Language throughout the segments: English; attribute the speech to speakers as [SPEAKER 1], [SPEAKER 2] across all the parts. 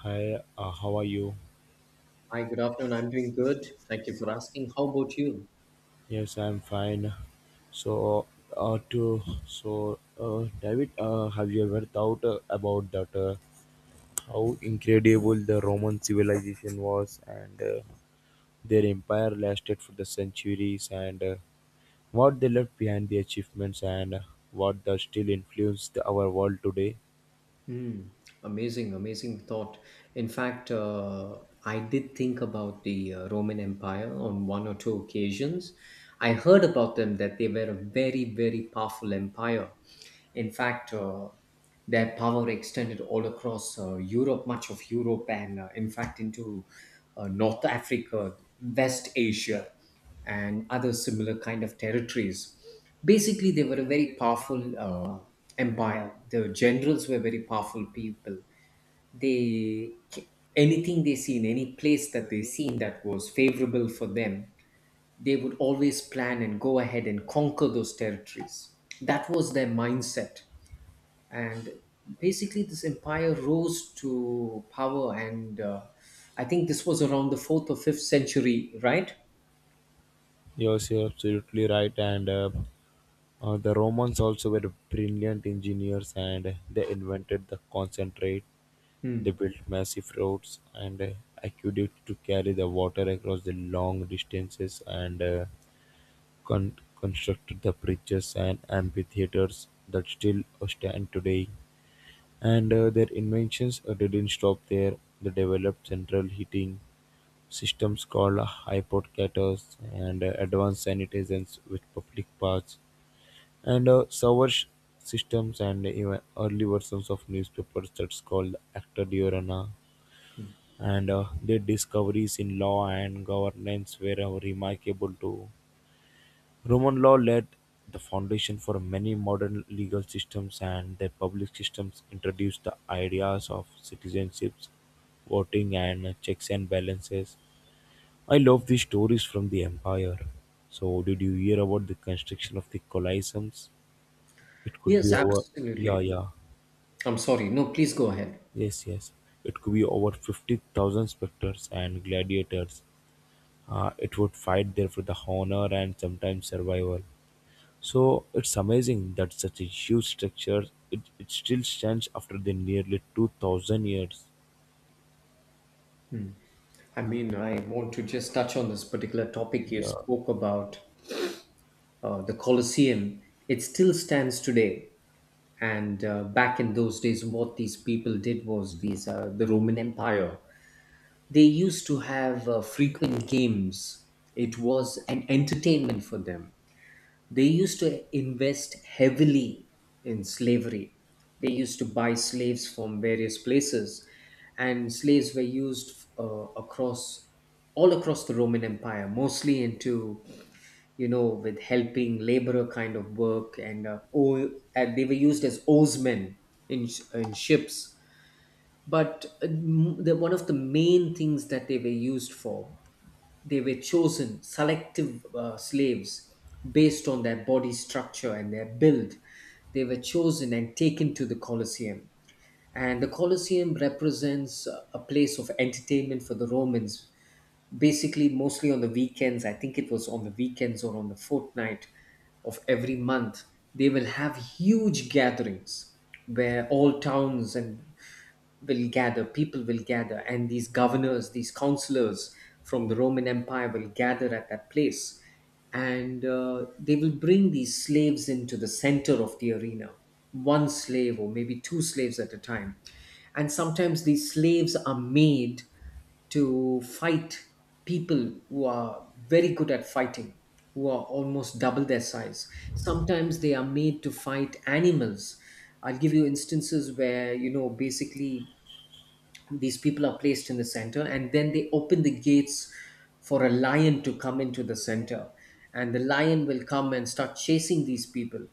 [SPEAKER 1] Hi, how are you?
[SPEAKER 2] Hi, good afternoon. I'm doing good. Thank you for asking. How about you?
[SPEAKER 1] Yes, I'm fine. So, uh, uh, to David, have you ever thought about that? How incredible the Roman civilization was, and their empire lasted for the centuries, and what they left behind, the achievements, and what does still influence our world today.
[SPEAKER 2] Hmm. Amazing, amazing thought. In fact, I did think about the Roman Empire on one or two occasions. I heard about them that they were a very, very powerful empire. In fact, their power extended all across Europe, much of Europe, and in fact into North Africa, West Asia, and other similar kind of territories. Basically, they were a very powerful empire. The generals were very powerful people. They Anything they see in any place that they seen that was favorable for them, they would always plan and go ahead and conquer those territories. That was their mindset and basically this empire rose to power and I think this was around the 4th or 5th century, right?
[SPEAKER 1] Yes, you're absolutely right. And The Romans also were brilliant engineers and they invented the concentrate. They
[SPEAKER 2] Hmm.
[SPEAKER 1] built massive roads and aqueducts to carry the water across the long distances and constructed the bridges and amphitheaters that still stand today. And their inventions didn't stop there. They developed central heating systems called hypocaters and advanced sanitizations with public baths and systems and even early versions of newspapers that's called Acta Diurna and their discoveries in law and governance were remarkable too. Roman law laid the foundation for many modern legal systems, and their public systems introduced the ideas of citizenships, voting, and checks and balances. I love these stories from the empire. So, did you hear about the construction of the Colosseums? It could be
[SPEAKER 2] Yes,
[SPEAKER 1] over.
[SPEAKER 2] absolutely.
[SPEAKER 1] Yeah, yeah.
[SPEAKER 2] I'm sorry, no, please go ahead.
[SPEAKER 1] Yes, yes. It could be over 50,000 spectators and gladiators, it would fight there for the honor and sometimes survival. So it's amazing that such a huge structure, it still stands after the nearly 2000 years.
[SPEAKER 2] I mean, I want to just touch on this particular topic you
[SPEAKER 1] Yeah.
[SPEAKER 2] spoke about, the colosseum. It still stands today, and back in those days what these people did was the Roman Empire. They used to have frequent games. It was an entertainment for them. They used to invest heavily in slavery. They used to buy slaves from various places, and slaves were used across all across the Roman Empire, mostly into, you know, with helping laborer kind of work, and they were used as oarsmen in ships, one of the main things that they were used for, they were chosen selective slaves based on their body structure and their build. They were chosen and taken to the colosseum, and the colosseum represents a place of entertainment for the Romans, basically mostly on the weekends. I think it was on the weekends or on the fortnight of every month. They will have huge gatherings where all towns and will gather, people will gather, and these governors, these counselors from the Roman Empire will gather at that place. And they will bring these slaves into the center of the arena, one slave or maybe two slaves at a time. And sometimes these slaves are made to fight people who are very good at fighting, who are almost double their size. Sometimes they are made to fight animals. I'll give you instances where, you know, basically these people are placed in the center and then they open the gates for a lion to come into the center. And the lion will come and start chasing these people.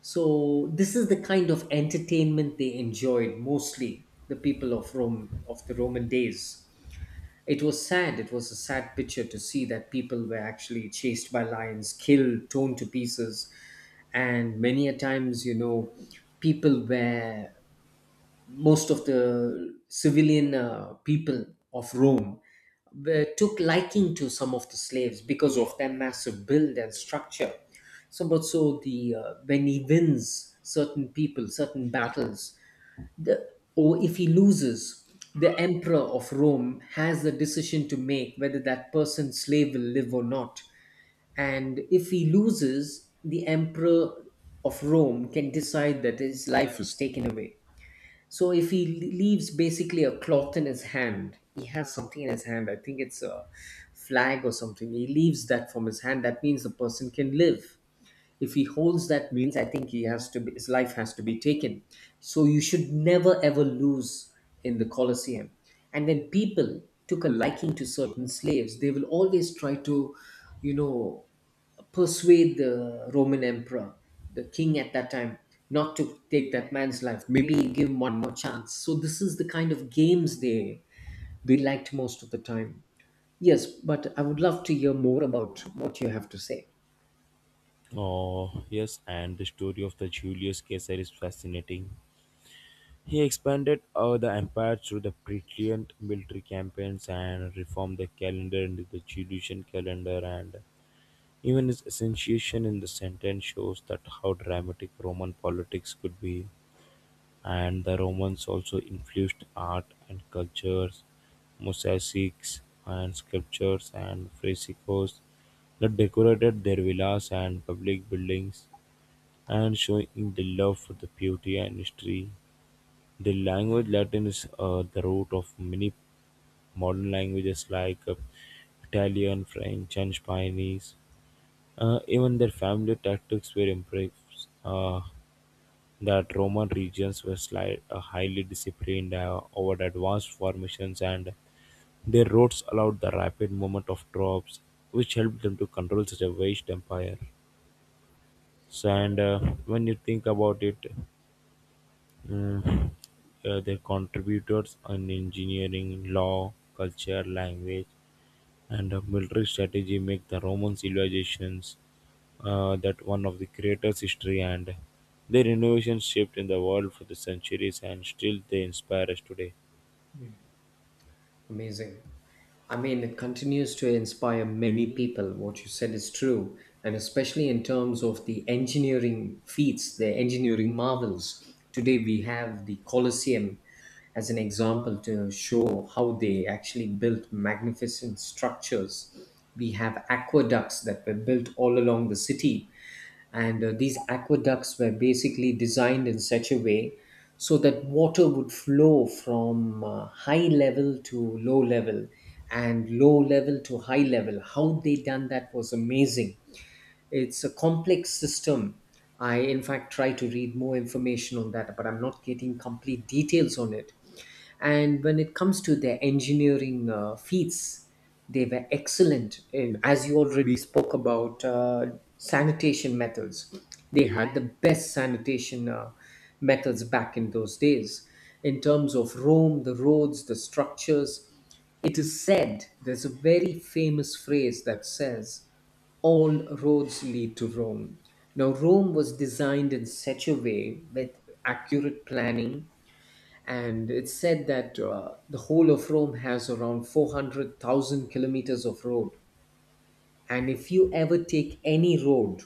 [SPEAKER 2] So this is the kind of entertainment they enjoyed mostly, the people of Rome, of the Roman days. It was sad. It was a sad picture to see that people were actually chased by lions, killed, torn to pieces. And many a times, you know, people were, most of the civilian people of Rome were, took liking to some of the slaves because of their massive build and structure. So, but so the When he wins certain people, certain battles, the, or if he loses, the emperor of Rome has the decision to make whether that person's slave will live or not. And if he loses, the emperor of Rome can decide that his life is taken away. So if he leaves basically a cloth in his hand, he has something in his hand. I think it's a flag or something. He leaves that from his hand. That means the person can live. If he holds, that means I think he has to be, his life has to be taken. So you should never ever lose in the colosseum. And when people took a liking to certain slaves they will always try to, you know, persuade the Roman emperor, the king at that time, not to take that man's life, maybe give him one more chance. So this is the kind of games they liked most of the time. Yes, but I would love to hear more about what you have to say.
[SPEAKER 1] Oh yes, and the story of the Julius Caesar is fascinating. He expanded the empire through the brilliant military campaigns and reformed the calendar into the Julian calendar, and even his association in the sentence shows that how dramatic Roman politics could be. And the Romans also influenced art and cultures, mosaics and sculptures and frescoes that decorated their villas and public buildings, and showing the love for the beauty and history. The language Latin is the root of many modern languages like Italian, French, and Spanish. Even their family tactics were impressed. That Roman regions were highly disciplined over advanced formations, and their roads allowed the rapid movement of troops, which helped them to control such a vast empire. So, and When you think about it, mm, their contributors on engineering, law, culture, language, and a military strategy make the Roman civilizations that one of the greatest history, and their innovations shaped in the world for the centuries and still they inspire us today.
[SPEAKER 2] Amazing. I mean, it continues to inspire many people. What you said is true, and especially in terms of the engineering feats, the engineering marvels. Today, we have the Colosseum as an example to show how they actually built magnificent structures. We have aqueducts that were built all along the city, and these aqueducts were basically designed in such a way so that water would flow from high level to low level and low level to high level. How they done that was amazing. It's a complex system. I, in fact, try to read more information on that, but I'm not getting complete details on it. And when it comes to their engineering feats, they were excellent in, as you already spoke about, sanitation methods. They had the best sanitation methods back in those days in terms of Rome, the roads, the structures. It is said there's a very famous phrase that says all roads lead to Rome. Now, Rome was designed in such a way with accurate planning, and it's said that the whole of Rome has around 400,000 kilometers of road. And if you ever take any road,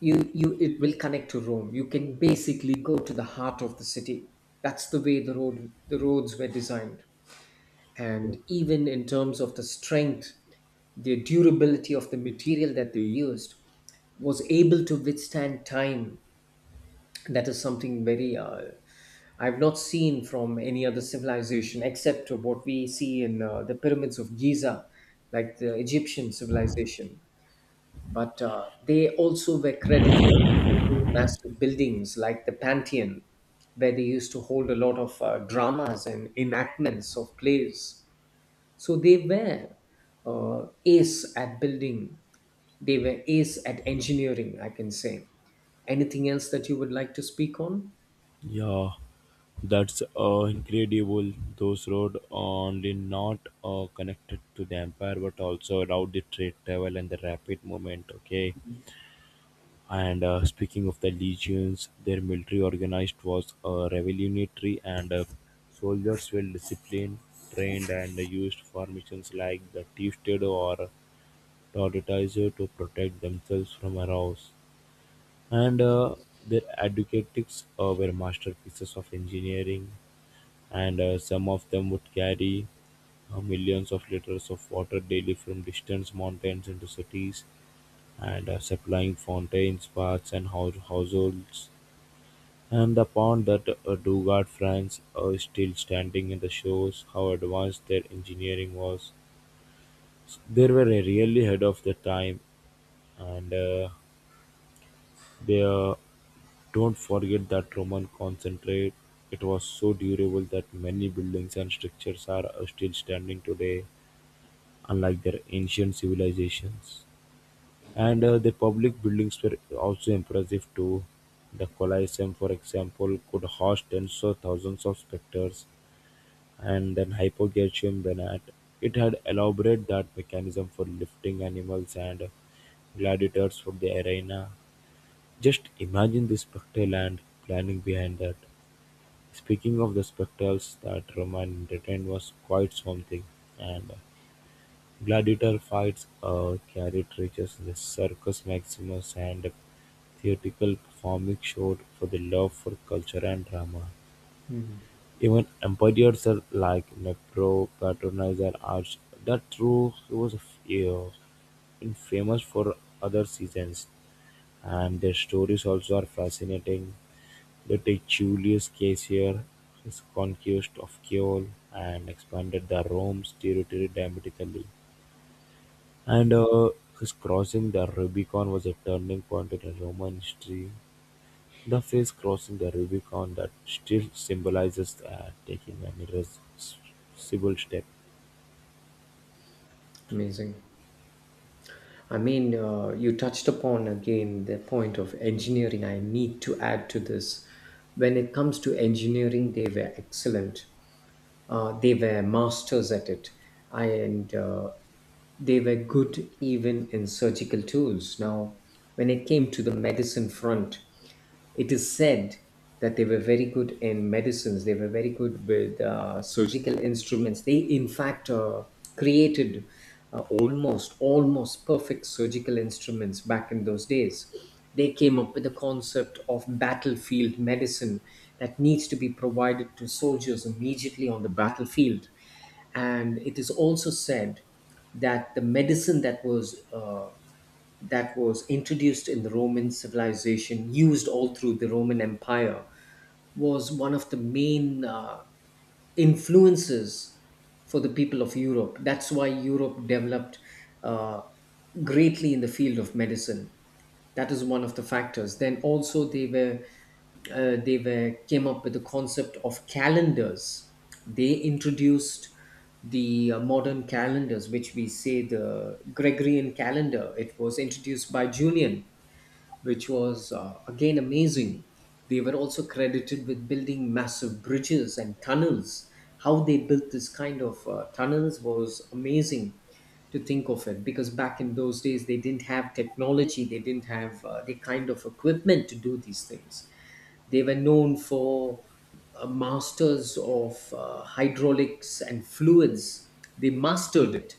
[SPEAKER 2] you it will connect to Rome. You can basically go to the heart of the city. That's the way the roads were designed.
[SPEAKER 1] Yeah.
[SPEAKER 2] And even in terms of the strength, the durability of the material that they used was able to withstand time. That is something very, I've not seen from any other civilization except of what we see in, the pyramids of Giza, like the Egyptian civilization. But they also were credited for building massive buildings like the Pantheon, where they used to hold a lot of dramas and enactments of plays. So they were ace at building, they were ace at engineering, I can say. Anything else that you would like to speak on?
[SPEAKER 1] Yeah, that's incredible. Those roads only not connected to the empire but also allowed the trade travel and the rapid movement. Okay. And speaking of the legions, their military organized was revolutionary, and soldiers were disciplined, trained, and used formations like the T-stud or tortoise to protect themselves from arrows. And their advocates were masterpieces of engineering, and some of them would carry millions of liters of water daily from distant mountains into cities and supplying fountains, baths, and households. And the pond that Dugard France are still standing in the shows how advanced their engineering was. They were really ahead of their time, and they don't forget that Roman concentrate. It was so durable that many buildings and structures are still standing today, unlike their ancient civilizations. And the public buildings were also impressive too. The Colosseum, for example, could host tens of thousands of spectators, and then Hypogaceum Banat. It had elaborated that mechanism for lifting animals and gladiators from the arena. Just imagine the spectral and planning behind that. Speaking of the spectacles that Roman entertained was quite something, and gladiator fights carried riches the Circus Maximus and theatrical performing showed for the love for culture and drama.
[SPEAKER 2] Mhm.
[SPEAKER 1] Even emperors are like Nepro patronized the arts that True he was famous for other seasons, and their stories also are fascinating. They take Julius Caesar, his conquest of Gaul, and expanded the Rome's territory dramatically. And his crossing the Rubicon was a turning point in Roman history. The face crossing the Rubicon that still symbolizes taking an irreversible step.
[SPEAKER 2] Amazing. I mean, you touched upon again the point of engineering. I need to add to this. When it comes to engineering, they were excellent. They were masters at it, I and they were good even in surgical tools. Now, when it came to the medicine front, it is said that they were very good in medicines. They were very good with surgical instruments. They, in fact, created almost perfect surgical instruments back in those days. They came up with the concept of battlefield medicine that needs to be provided to soldiers immediately on the battlefield. And it is also said that the medicine that was introduced in the Roman civilization, used all through the Roman Empire, was one of the main influences for the people of Europe. That's why Europe developed uh, greatly in the field of medicine. That is one of the factors. Then also they were came up with the concept of calendars. They introduced the modern calendars, which we say the Gregorian calendar. It was introduced by Julian, which was again amazing. They were also credited with building massive bridges and tunnels. How they built this kind of tunnels was amazing to think of it, because back in those days they didn't have technology, they didn't have the kind of equipment to do these things. They were known for, masters of hydraulics and fluids. They mastered it.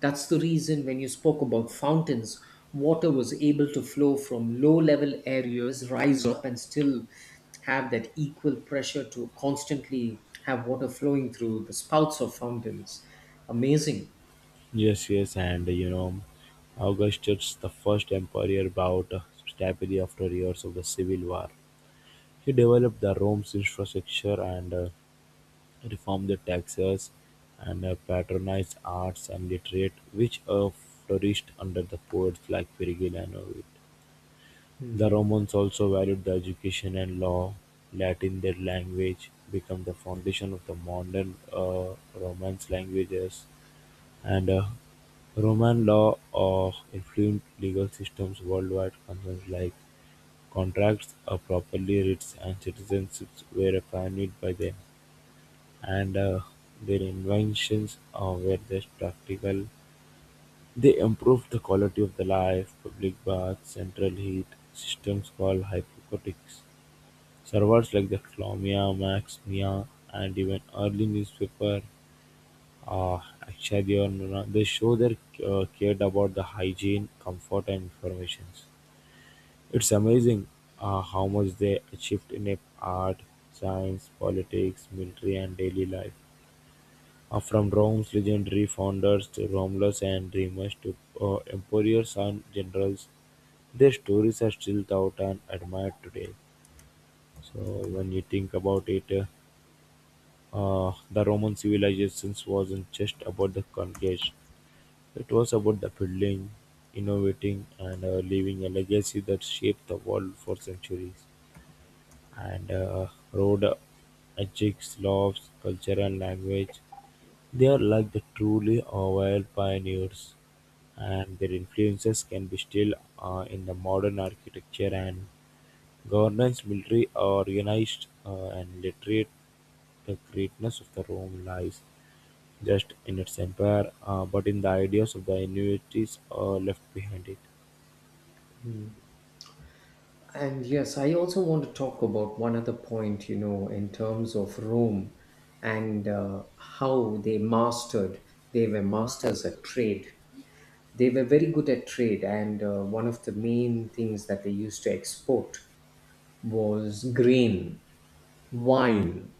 [SPEAKER 2] That's the reason when you spoke about fountains, water was able to flow from low level areas, rise up, and still have that equal pressure to constantly have water flowing through the spouts of fountains. Amazing.
[SPEAKER 1] Yes, yes, and you know, Augustus, the first emperor, bowed stably after years of the civil war. He developed the Rome's infrastructure and reformed the taxes and patronized arts and literate, which flourished under the poets like Virgil and Ovid. The Romans also valued the education and law; Latin, their language, became the foundation of the modern Romance languages, and Roman law influenced legal systems worldwide. Concerns like contracts, property, writs, and citizenships were defined by them, and their inventions were thus practical. They improved the quality of the life, public baths, central heat systems called hypocotics. Servers like the "Colombia", "Max-Mía", and even early newspaper, uh, Akshadi or "Acción", they show their cared about the hygiene, comfort, and information. It's amazing how much they achieved in a art, science, politics, military, and daily life. From Rome's legendary founders to Romulus and Remus to emperors and generals, their stories are still taught and admired today. So when you think about it, The Roman civilization wasn't just about the conquest; it was about the building, innovating, and leaving a legacy that shaped the world for centuries. And road ethics, laws, culture, and language, they are like the truly wild pioneers, and their influences can be still in the modern architecture and governance, military, organized, and literate the greatness of the Rome lies just in its empire, but in the ideas of the Inuits left behind it.
[SPEAKER 2] And yes, I also want to talk about one other point, you know, in terms of Rome and how they mastered, they were masters at trade. They were very good at trade, and one of the main things that they used to export was grain, wine,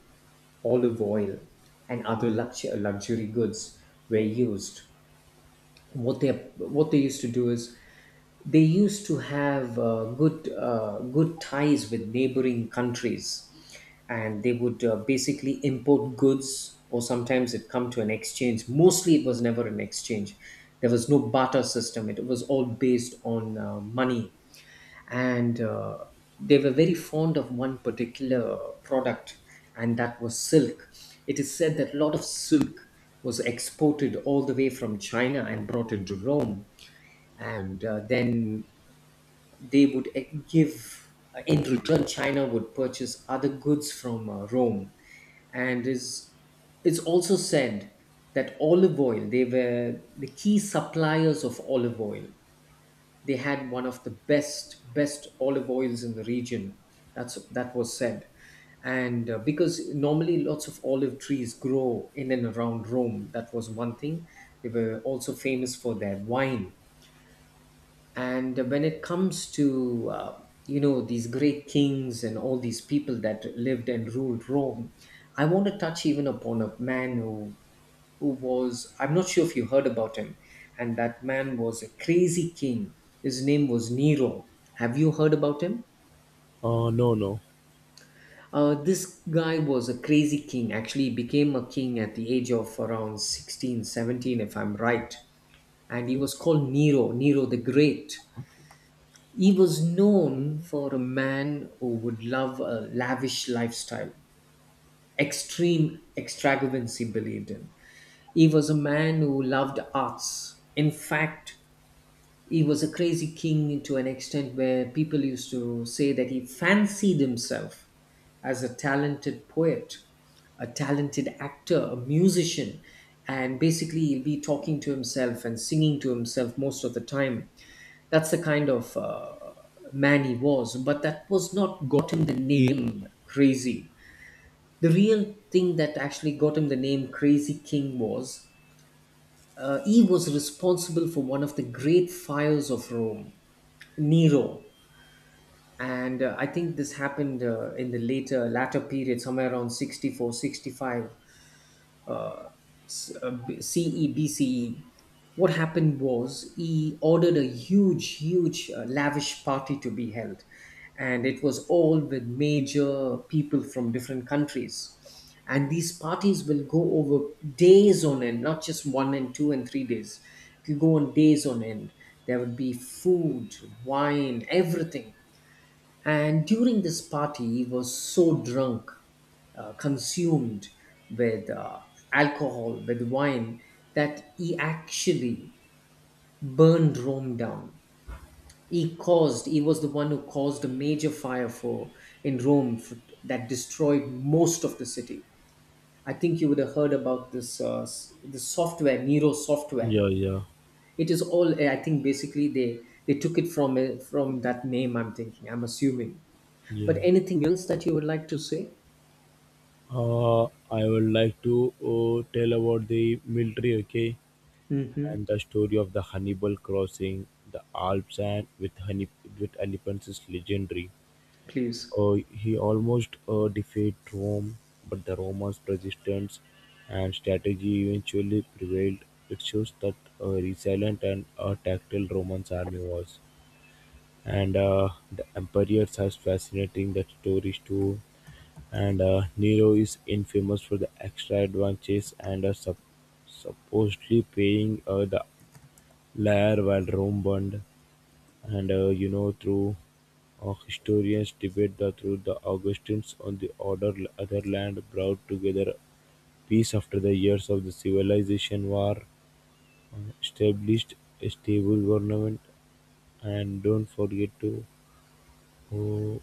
[SPEAKER 2] olive oil, and other luxury goods were used. What they what they used to do is they used to have good good ties with neighboring countries, and they would basically import goods, or sometimes it come to an exchange. Mostly it was never an exchange. There was no barter system. It was all based on money. And they were very fond of one particular product, and that was silk. It is said that a lot of silk was exported all the way from China and brought into Rome. And then they would give in return. China would purchase other goods from Rome. And is it's also said that olive oil, they were the key suppliers of olive oil. They had one of the best olive oils in the region. That was said. And because normally lots of olive trees grow in and around Rome, that was one thing. They were also famous for their wine. And when it comes to these great kings and all these people that lived and ruled Rome, I want to touch even upon a man who was I'm not sure if you heard about him. And that man was a crazy king. His name was Nero. Have you heard about him?
[SPEAKER 1] No, no.
[SPEAKER 2] This guy was a crazy king. Actually, he became a king at the age of around 16, 17, if I'm right. And he was called Nero, Nero the Great. He was known for a man who would love a lavish lifestyle, extreme extravagance he believed in. He was a man who loved arts. In fact, he was a crazy king to an extent where people used to say that he fancied himself as a talented poet, a talented actor, a musician, and basically he'll be talking to himself and singing to himself most of the time. That's the kind of man he was, but that was not got him the name Crazy. The real thing that actually got him the name Crazy King was, he was responsible for one of the great fires of Rome, Nero. And I think this happened in the later latter period somewhere around 64, sixty five, 65, C E B C E. What happened was, he ordered a huge lavish party to be held. And it was all with major people from different countries, and these parties will go over days on end, not just one and two and three days. It will go on days on end. There would be food, wine, everything. And during this party, he was so drunk, consumed with alcohol, with wine, that he actually burned Rome down. He caused, he was the one who caused a major fire for in Rome for, that destroyed most of the city. I think you would have heard about this software, Nero software.
[SPEAKER 1] Yeah, yeah,
[SPEAKER 2] It is all, I think, basically they took it from that name. I'm thinking, I'm assuming. But
[SPEAKER 1] yeah.
[SPEAKER 2] anything else that you would like to say?
[SPEAKER 1] I would like to tell about the military, okay,
[SPEAKER 2] Mm-hmm.
[SPEAKER 1] and the story of the Hannibal crossing the Alps and with honey with elephants is legendary.
[SPEAKER 2] Please.
[SPEAKER 1] He almost defeated Rome, but the Romans' resistance and strategy eventually prevailed. It shows that a resilient and a tactile Roman army was. And the emperors has fascinating that stories too. And Nero is infamous for the extra advantages and supposedly paying the liar while Rome burned. And you know, through historians debate the through the Augustines on the other, other land brought together peace after the years of the civilization war, established a stable government, and don't forget to oh,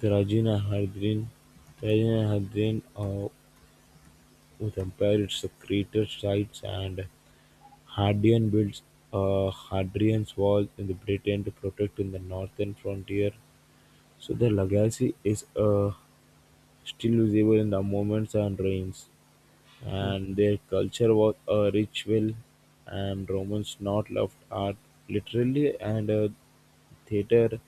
[SPEAKER 1] Trajina Hadrian. Trajina Hadrian with empire its creator sites and Hadrian builds Hadrian's wall in the Britain to protect in the northern frontier. So the legacy is still visible in the monuments and ruins, and their culture was a ritual, and Romans not loved art literally, and theater,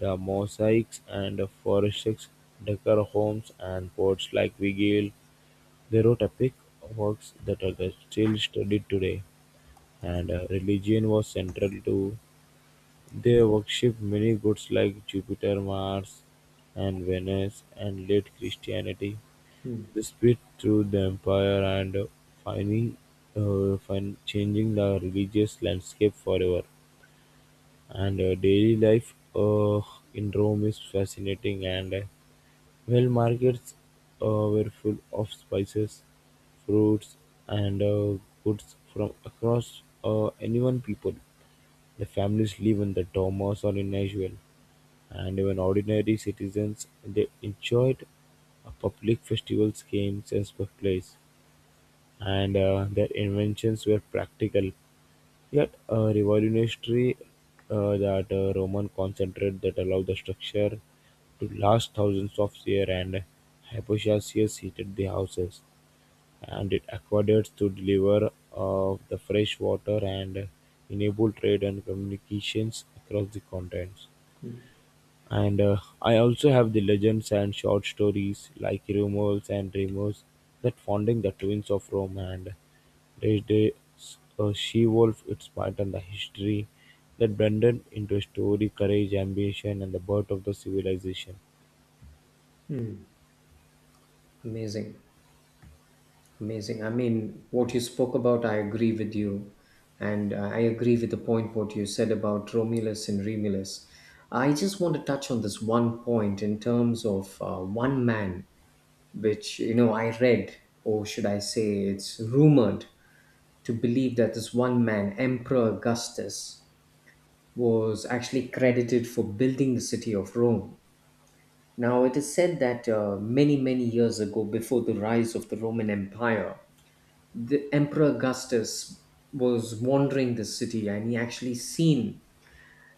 [SPEAKER 1] the mosaics, and the forests, decor homes, and poets like Vigil. They wrote epic works that are still studied today, and religion was central to they worshipped many gods like Jupiter, Mars, and Venus, and led Christianity.
[SPEAKER 2] Mm-hmm.
[SPEAKER 1] They spread through the empire and finding, changing the religious landscape forever. And daily life in Rome is fascinating, and well, markets uh, were full of spices, fruits, and goods from across anyone people. The families live in the dormers or in Nashville, and even ordinary citizens they enjoyed public festivals, games, and spectacles, and their inventions were practical yet revolutionary. That Roman concentrate that allowed the structure to last thousands of years, and Hypocasius heated the houses and it aqueducts to deliver of the fresh water and enable trade and communications across the continents. And I also have the legends and short stories like Rumors and Dreamers that founding the twins of Rome and the she-wolf, its might and the history that blended into a story, courage, ambition, and the birth of the civilization.
[SPEAKER 2] Amazing. Amazing. I mean, what you spoke about, I agree with you. And I agree with the point what you said about Romulus and Remulus. I just want to touch on this one point in terms of one man, which, I read, or should I say, it's rumored to believe that this one man, Emperor Augustus, was actually credited for building the city of Rome. Now, it is said that many, many years ago, before the rise of the Roman Empire, the Emperor Augustus was wandering the city and he actually seen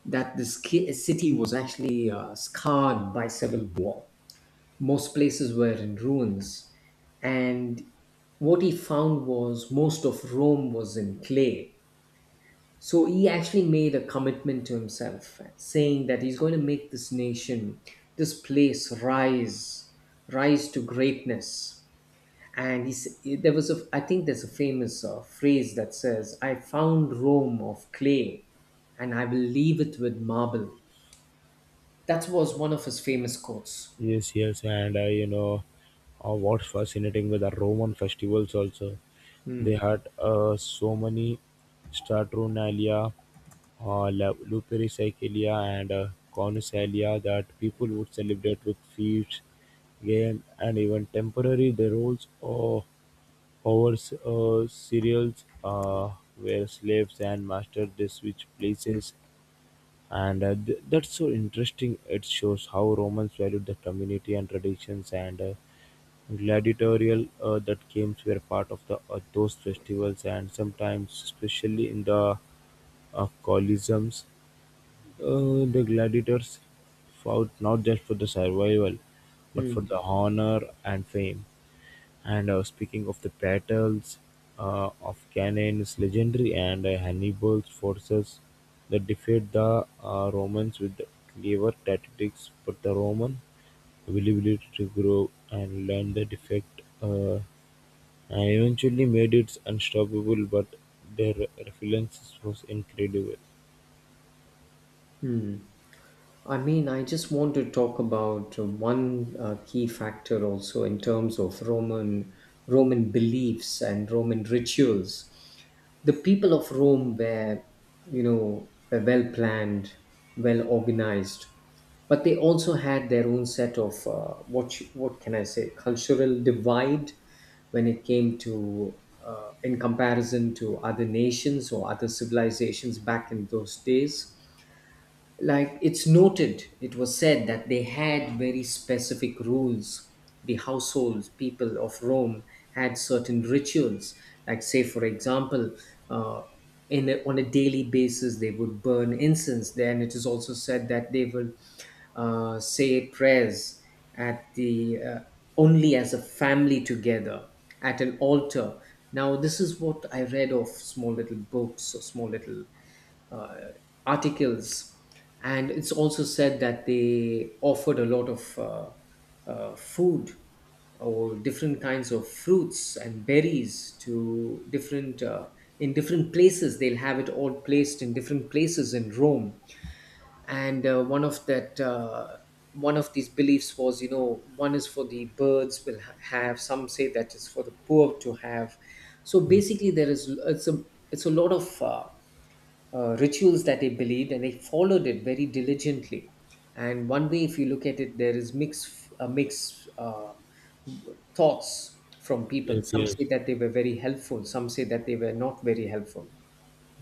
[SPEAKER 2] that this city was actually scarred by civil war. Most places were in ruins. And what he found was, most of Rome was in clay, so he actually made a commitment to himself, saying that he's going to make this nation, this place rise, rise to greatness. And he's, there was a, I think there's a famous phrase that says, "I found Rome of clay, and I will leave it with marble." That was one of his famous quotes.
[SPEAKER 1] Yes, yes, and you know, what's fascinating with the Roman festivals also, they
[SPEAKER 2] Mm.
[SPEAKER 1] had so many Saturnalia, Lupercalia, and Cornusalia that people would celebrate with feasts, game, and even temporary the roles of over serials, where slaves and masters they switch places, and that's so interesting. It shows how Romans valued the community and traditions, and gladiatorial that games were part of the those festivals, and sometimes especially in the coliseums, the gladiators fought not just for the survival but for the honor and fame. And speaking of the battles of Cannae is legendary, and Hannibal's forces that defeat the Romans with clever tactics, but the Roman availability to grow and learn the defect and eventually made it unstoppable, but their resilience was incredible.
[SPEAKER 2] I mean, I just want to talk about one key factor also in terms of Roman beliefs and Roman rituals. The people of Rome were well planned, well organized, but they also had their own set of what can I say, cultural divide, when it came to in comparison to other nations or other civilizations back in those days, like, it's noted, it was said that they had very specific rules. The households, people of Rome, had certain rituals, like, say, for example, uh, on a daily basis they would burn incense. Then it is also said that they will say prayers at the, only as a family together at an altar. Now this is what I read of small little books or small little uh, articles, and it's also said that they offered a lot of food or different kinds of fruits and berries to different in different places. They'll have it all placed in different places in Rome, and one of that. One of these beliefs was, one is for the birds will have. Some say that is for the poor to have. So
[SPEAKER 1] Yes,
[SPEAKER 2] basically, there is it's a lot of rituals that they believed, and they followed it very diligently. And one way if you look at it, there is mixed thoughts from people.
[SPEAKER 1] yes,
[SPEAKER 2] Some say
[SPEAKER 1] yes.
[SPEAKER 2] that they were very helpful, some say that they were not very helpful.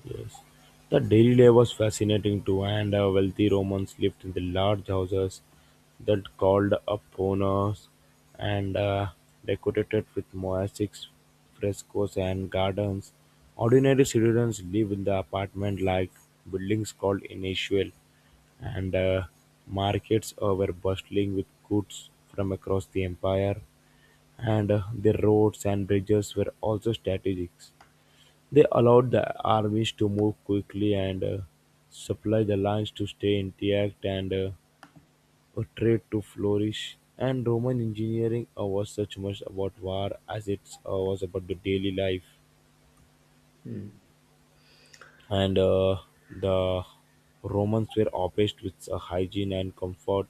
[SPEAKER 1] Yes, the daily life was fascinating too, and wealthy Romans lived in the large houses that called upon us and decorated with mosaics, frescoes, and gardens. Ordinary citizens live in the apartment like buildings called initial, and markets were bustling with goods from across the empire, and the roads and bridges were also strategic. They allowed the armies to move quickly and supply the lands to stay intact and a trade to flourish. And Roman engineering was such much about war as it was about the daily life. And the Romans were obsessed with hygiene and comfort.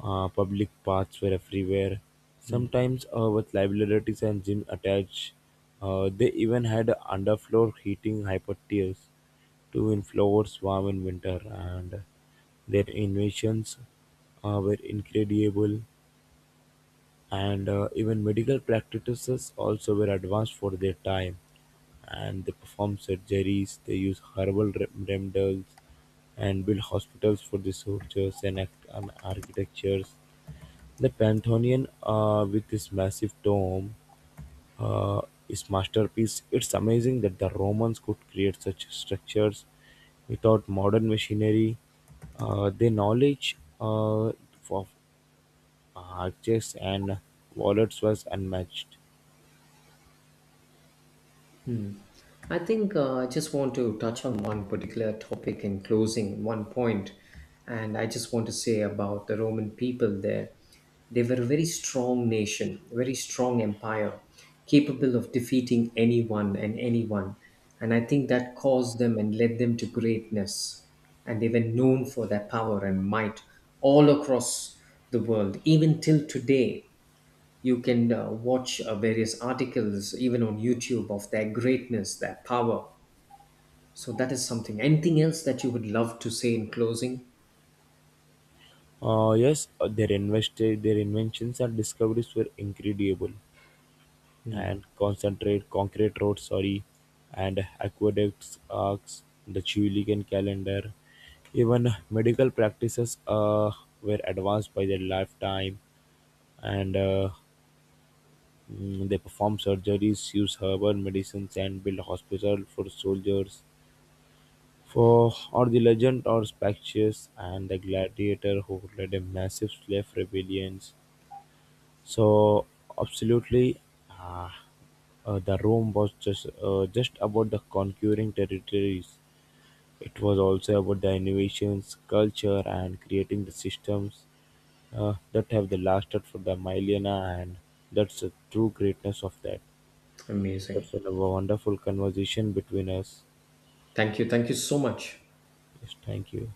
[SPEAKER 1] Public paths were everywhere. Sometimes with libraries and gym attached. They even had underfloor heating hypotheas to inflowers warm in winter, and their inventions were incredible, and even medical practices also were advanced for their time, and they perform surgeries, they use herbal remedies and build hospitals for the soldiers and, and architectures the Pantheon, with its massive dome, uh, is masterpiece. It's amazing that the Romans could create such structures without modern machinery. Their knowledge of arches and wallets was unmatched.
[SPEAKER 2] I just want to touch on one particular topic in closing, one point, and I just want to say about the Roman people there. They were a very strong nation, a very strong empire, capable of defeating anyone and anyone. And I think that caused them and led them to greatness. And they were known for their power and might all across the world, even till today, you can watch various articles, even on YouTube, of their greatness, their power. So that is something. Anything else that you would love to say in closing?
[SPEAKER 1] Yes, their their inventions and discoveries were incredible, and concentrate concrete roads, sorry, and aqueducts arcs the Julian calendar, even medical practices were advanced by their lifetime, and they perform surgeries, use herbal medicines, and build hospitals for soldiers for or the legend or Spactius and the gladiator who led a massive slave rebellions. So absolutely, uh, the Rome was just about the conquering territories. It was also about the innovations, culture, and creating the systems that have the lasted for the millennia, and that's the true greatness of that. So
[SPEAKER 2] Amazing.
[SPEAKER 1] that's a wonderful conversation between us.
[SPEAKER 2] Thank you. Thank you so much.
[SPEAKER 1] Yes, thank you.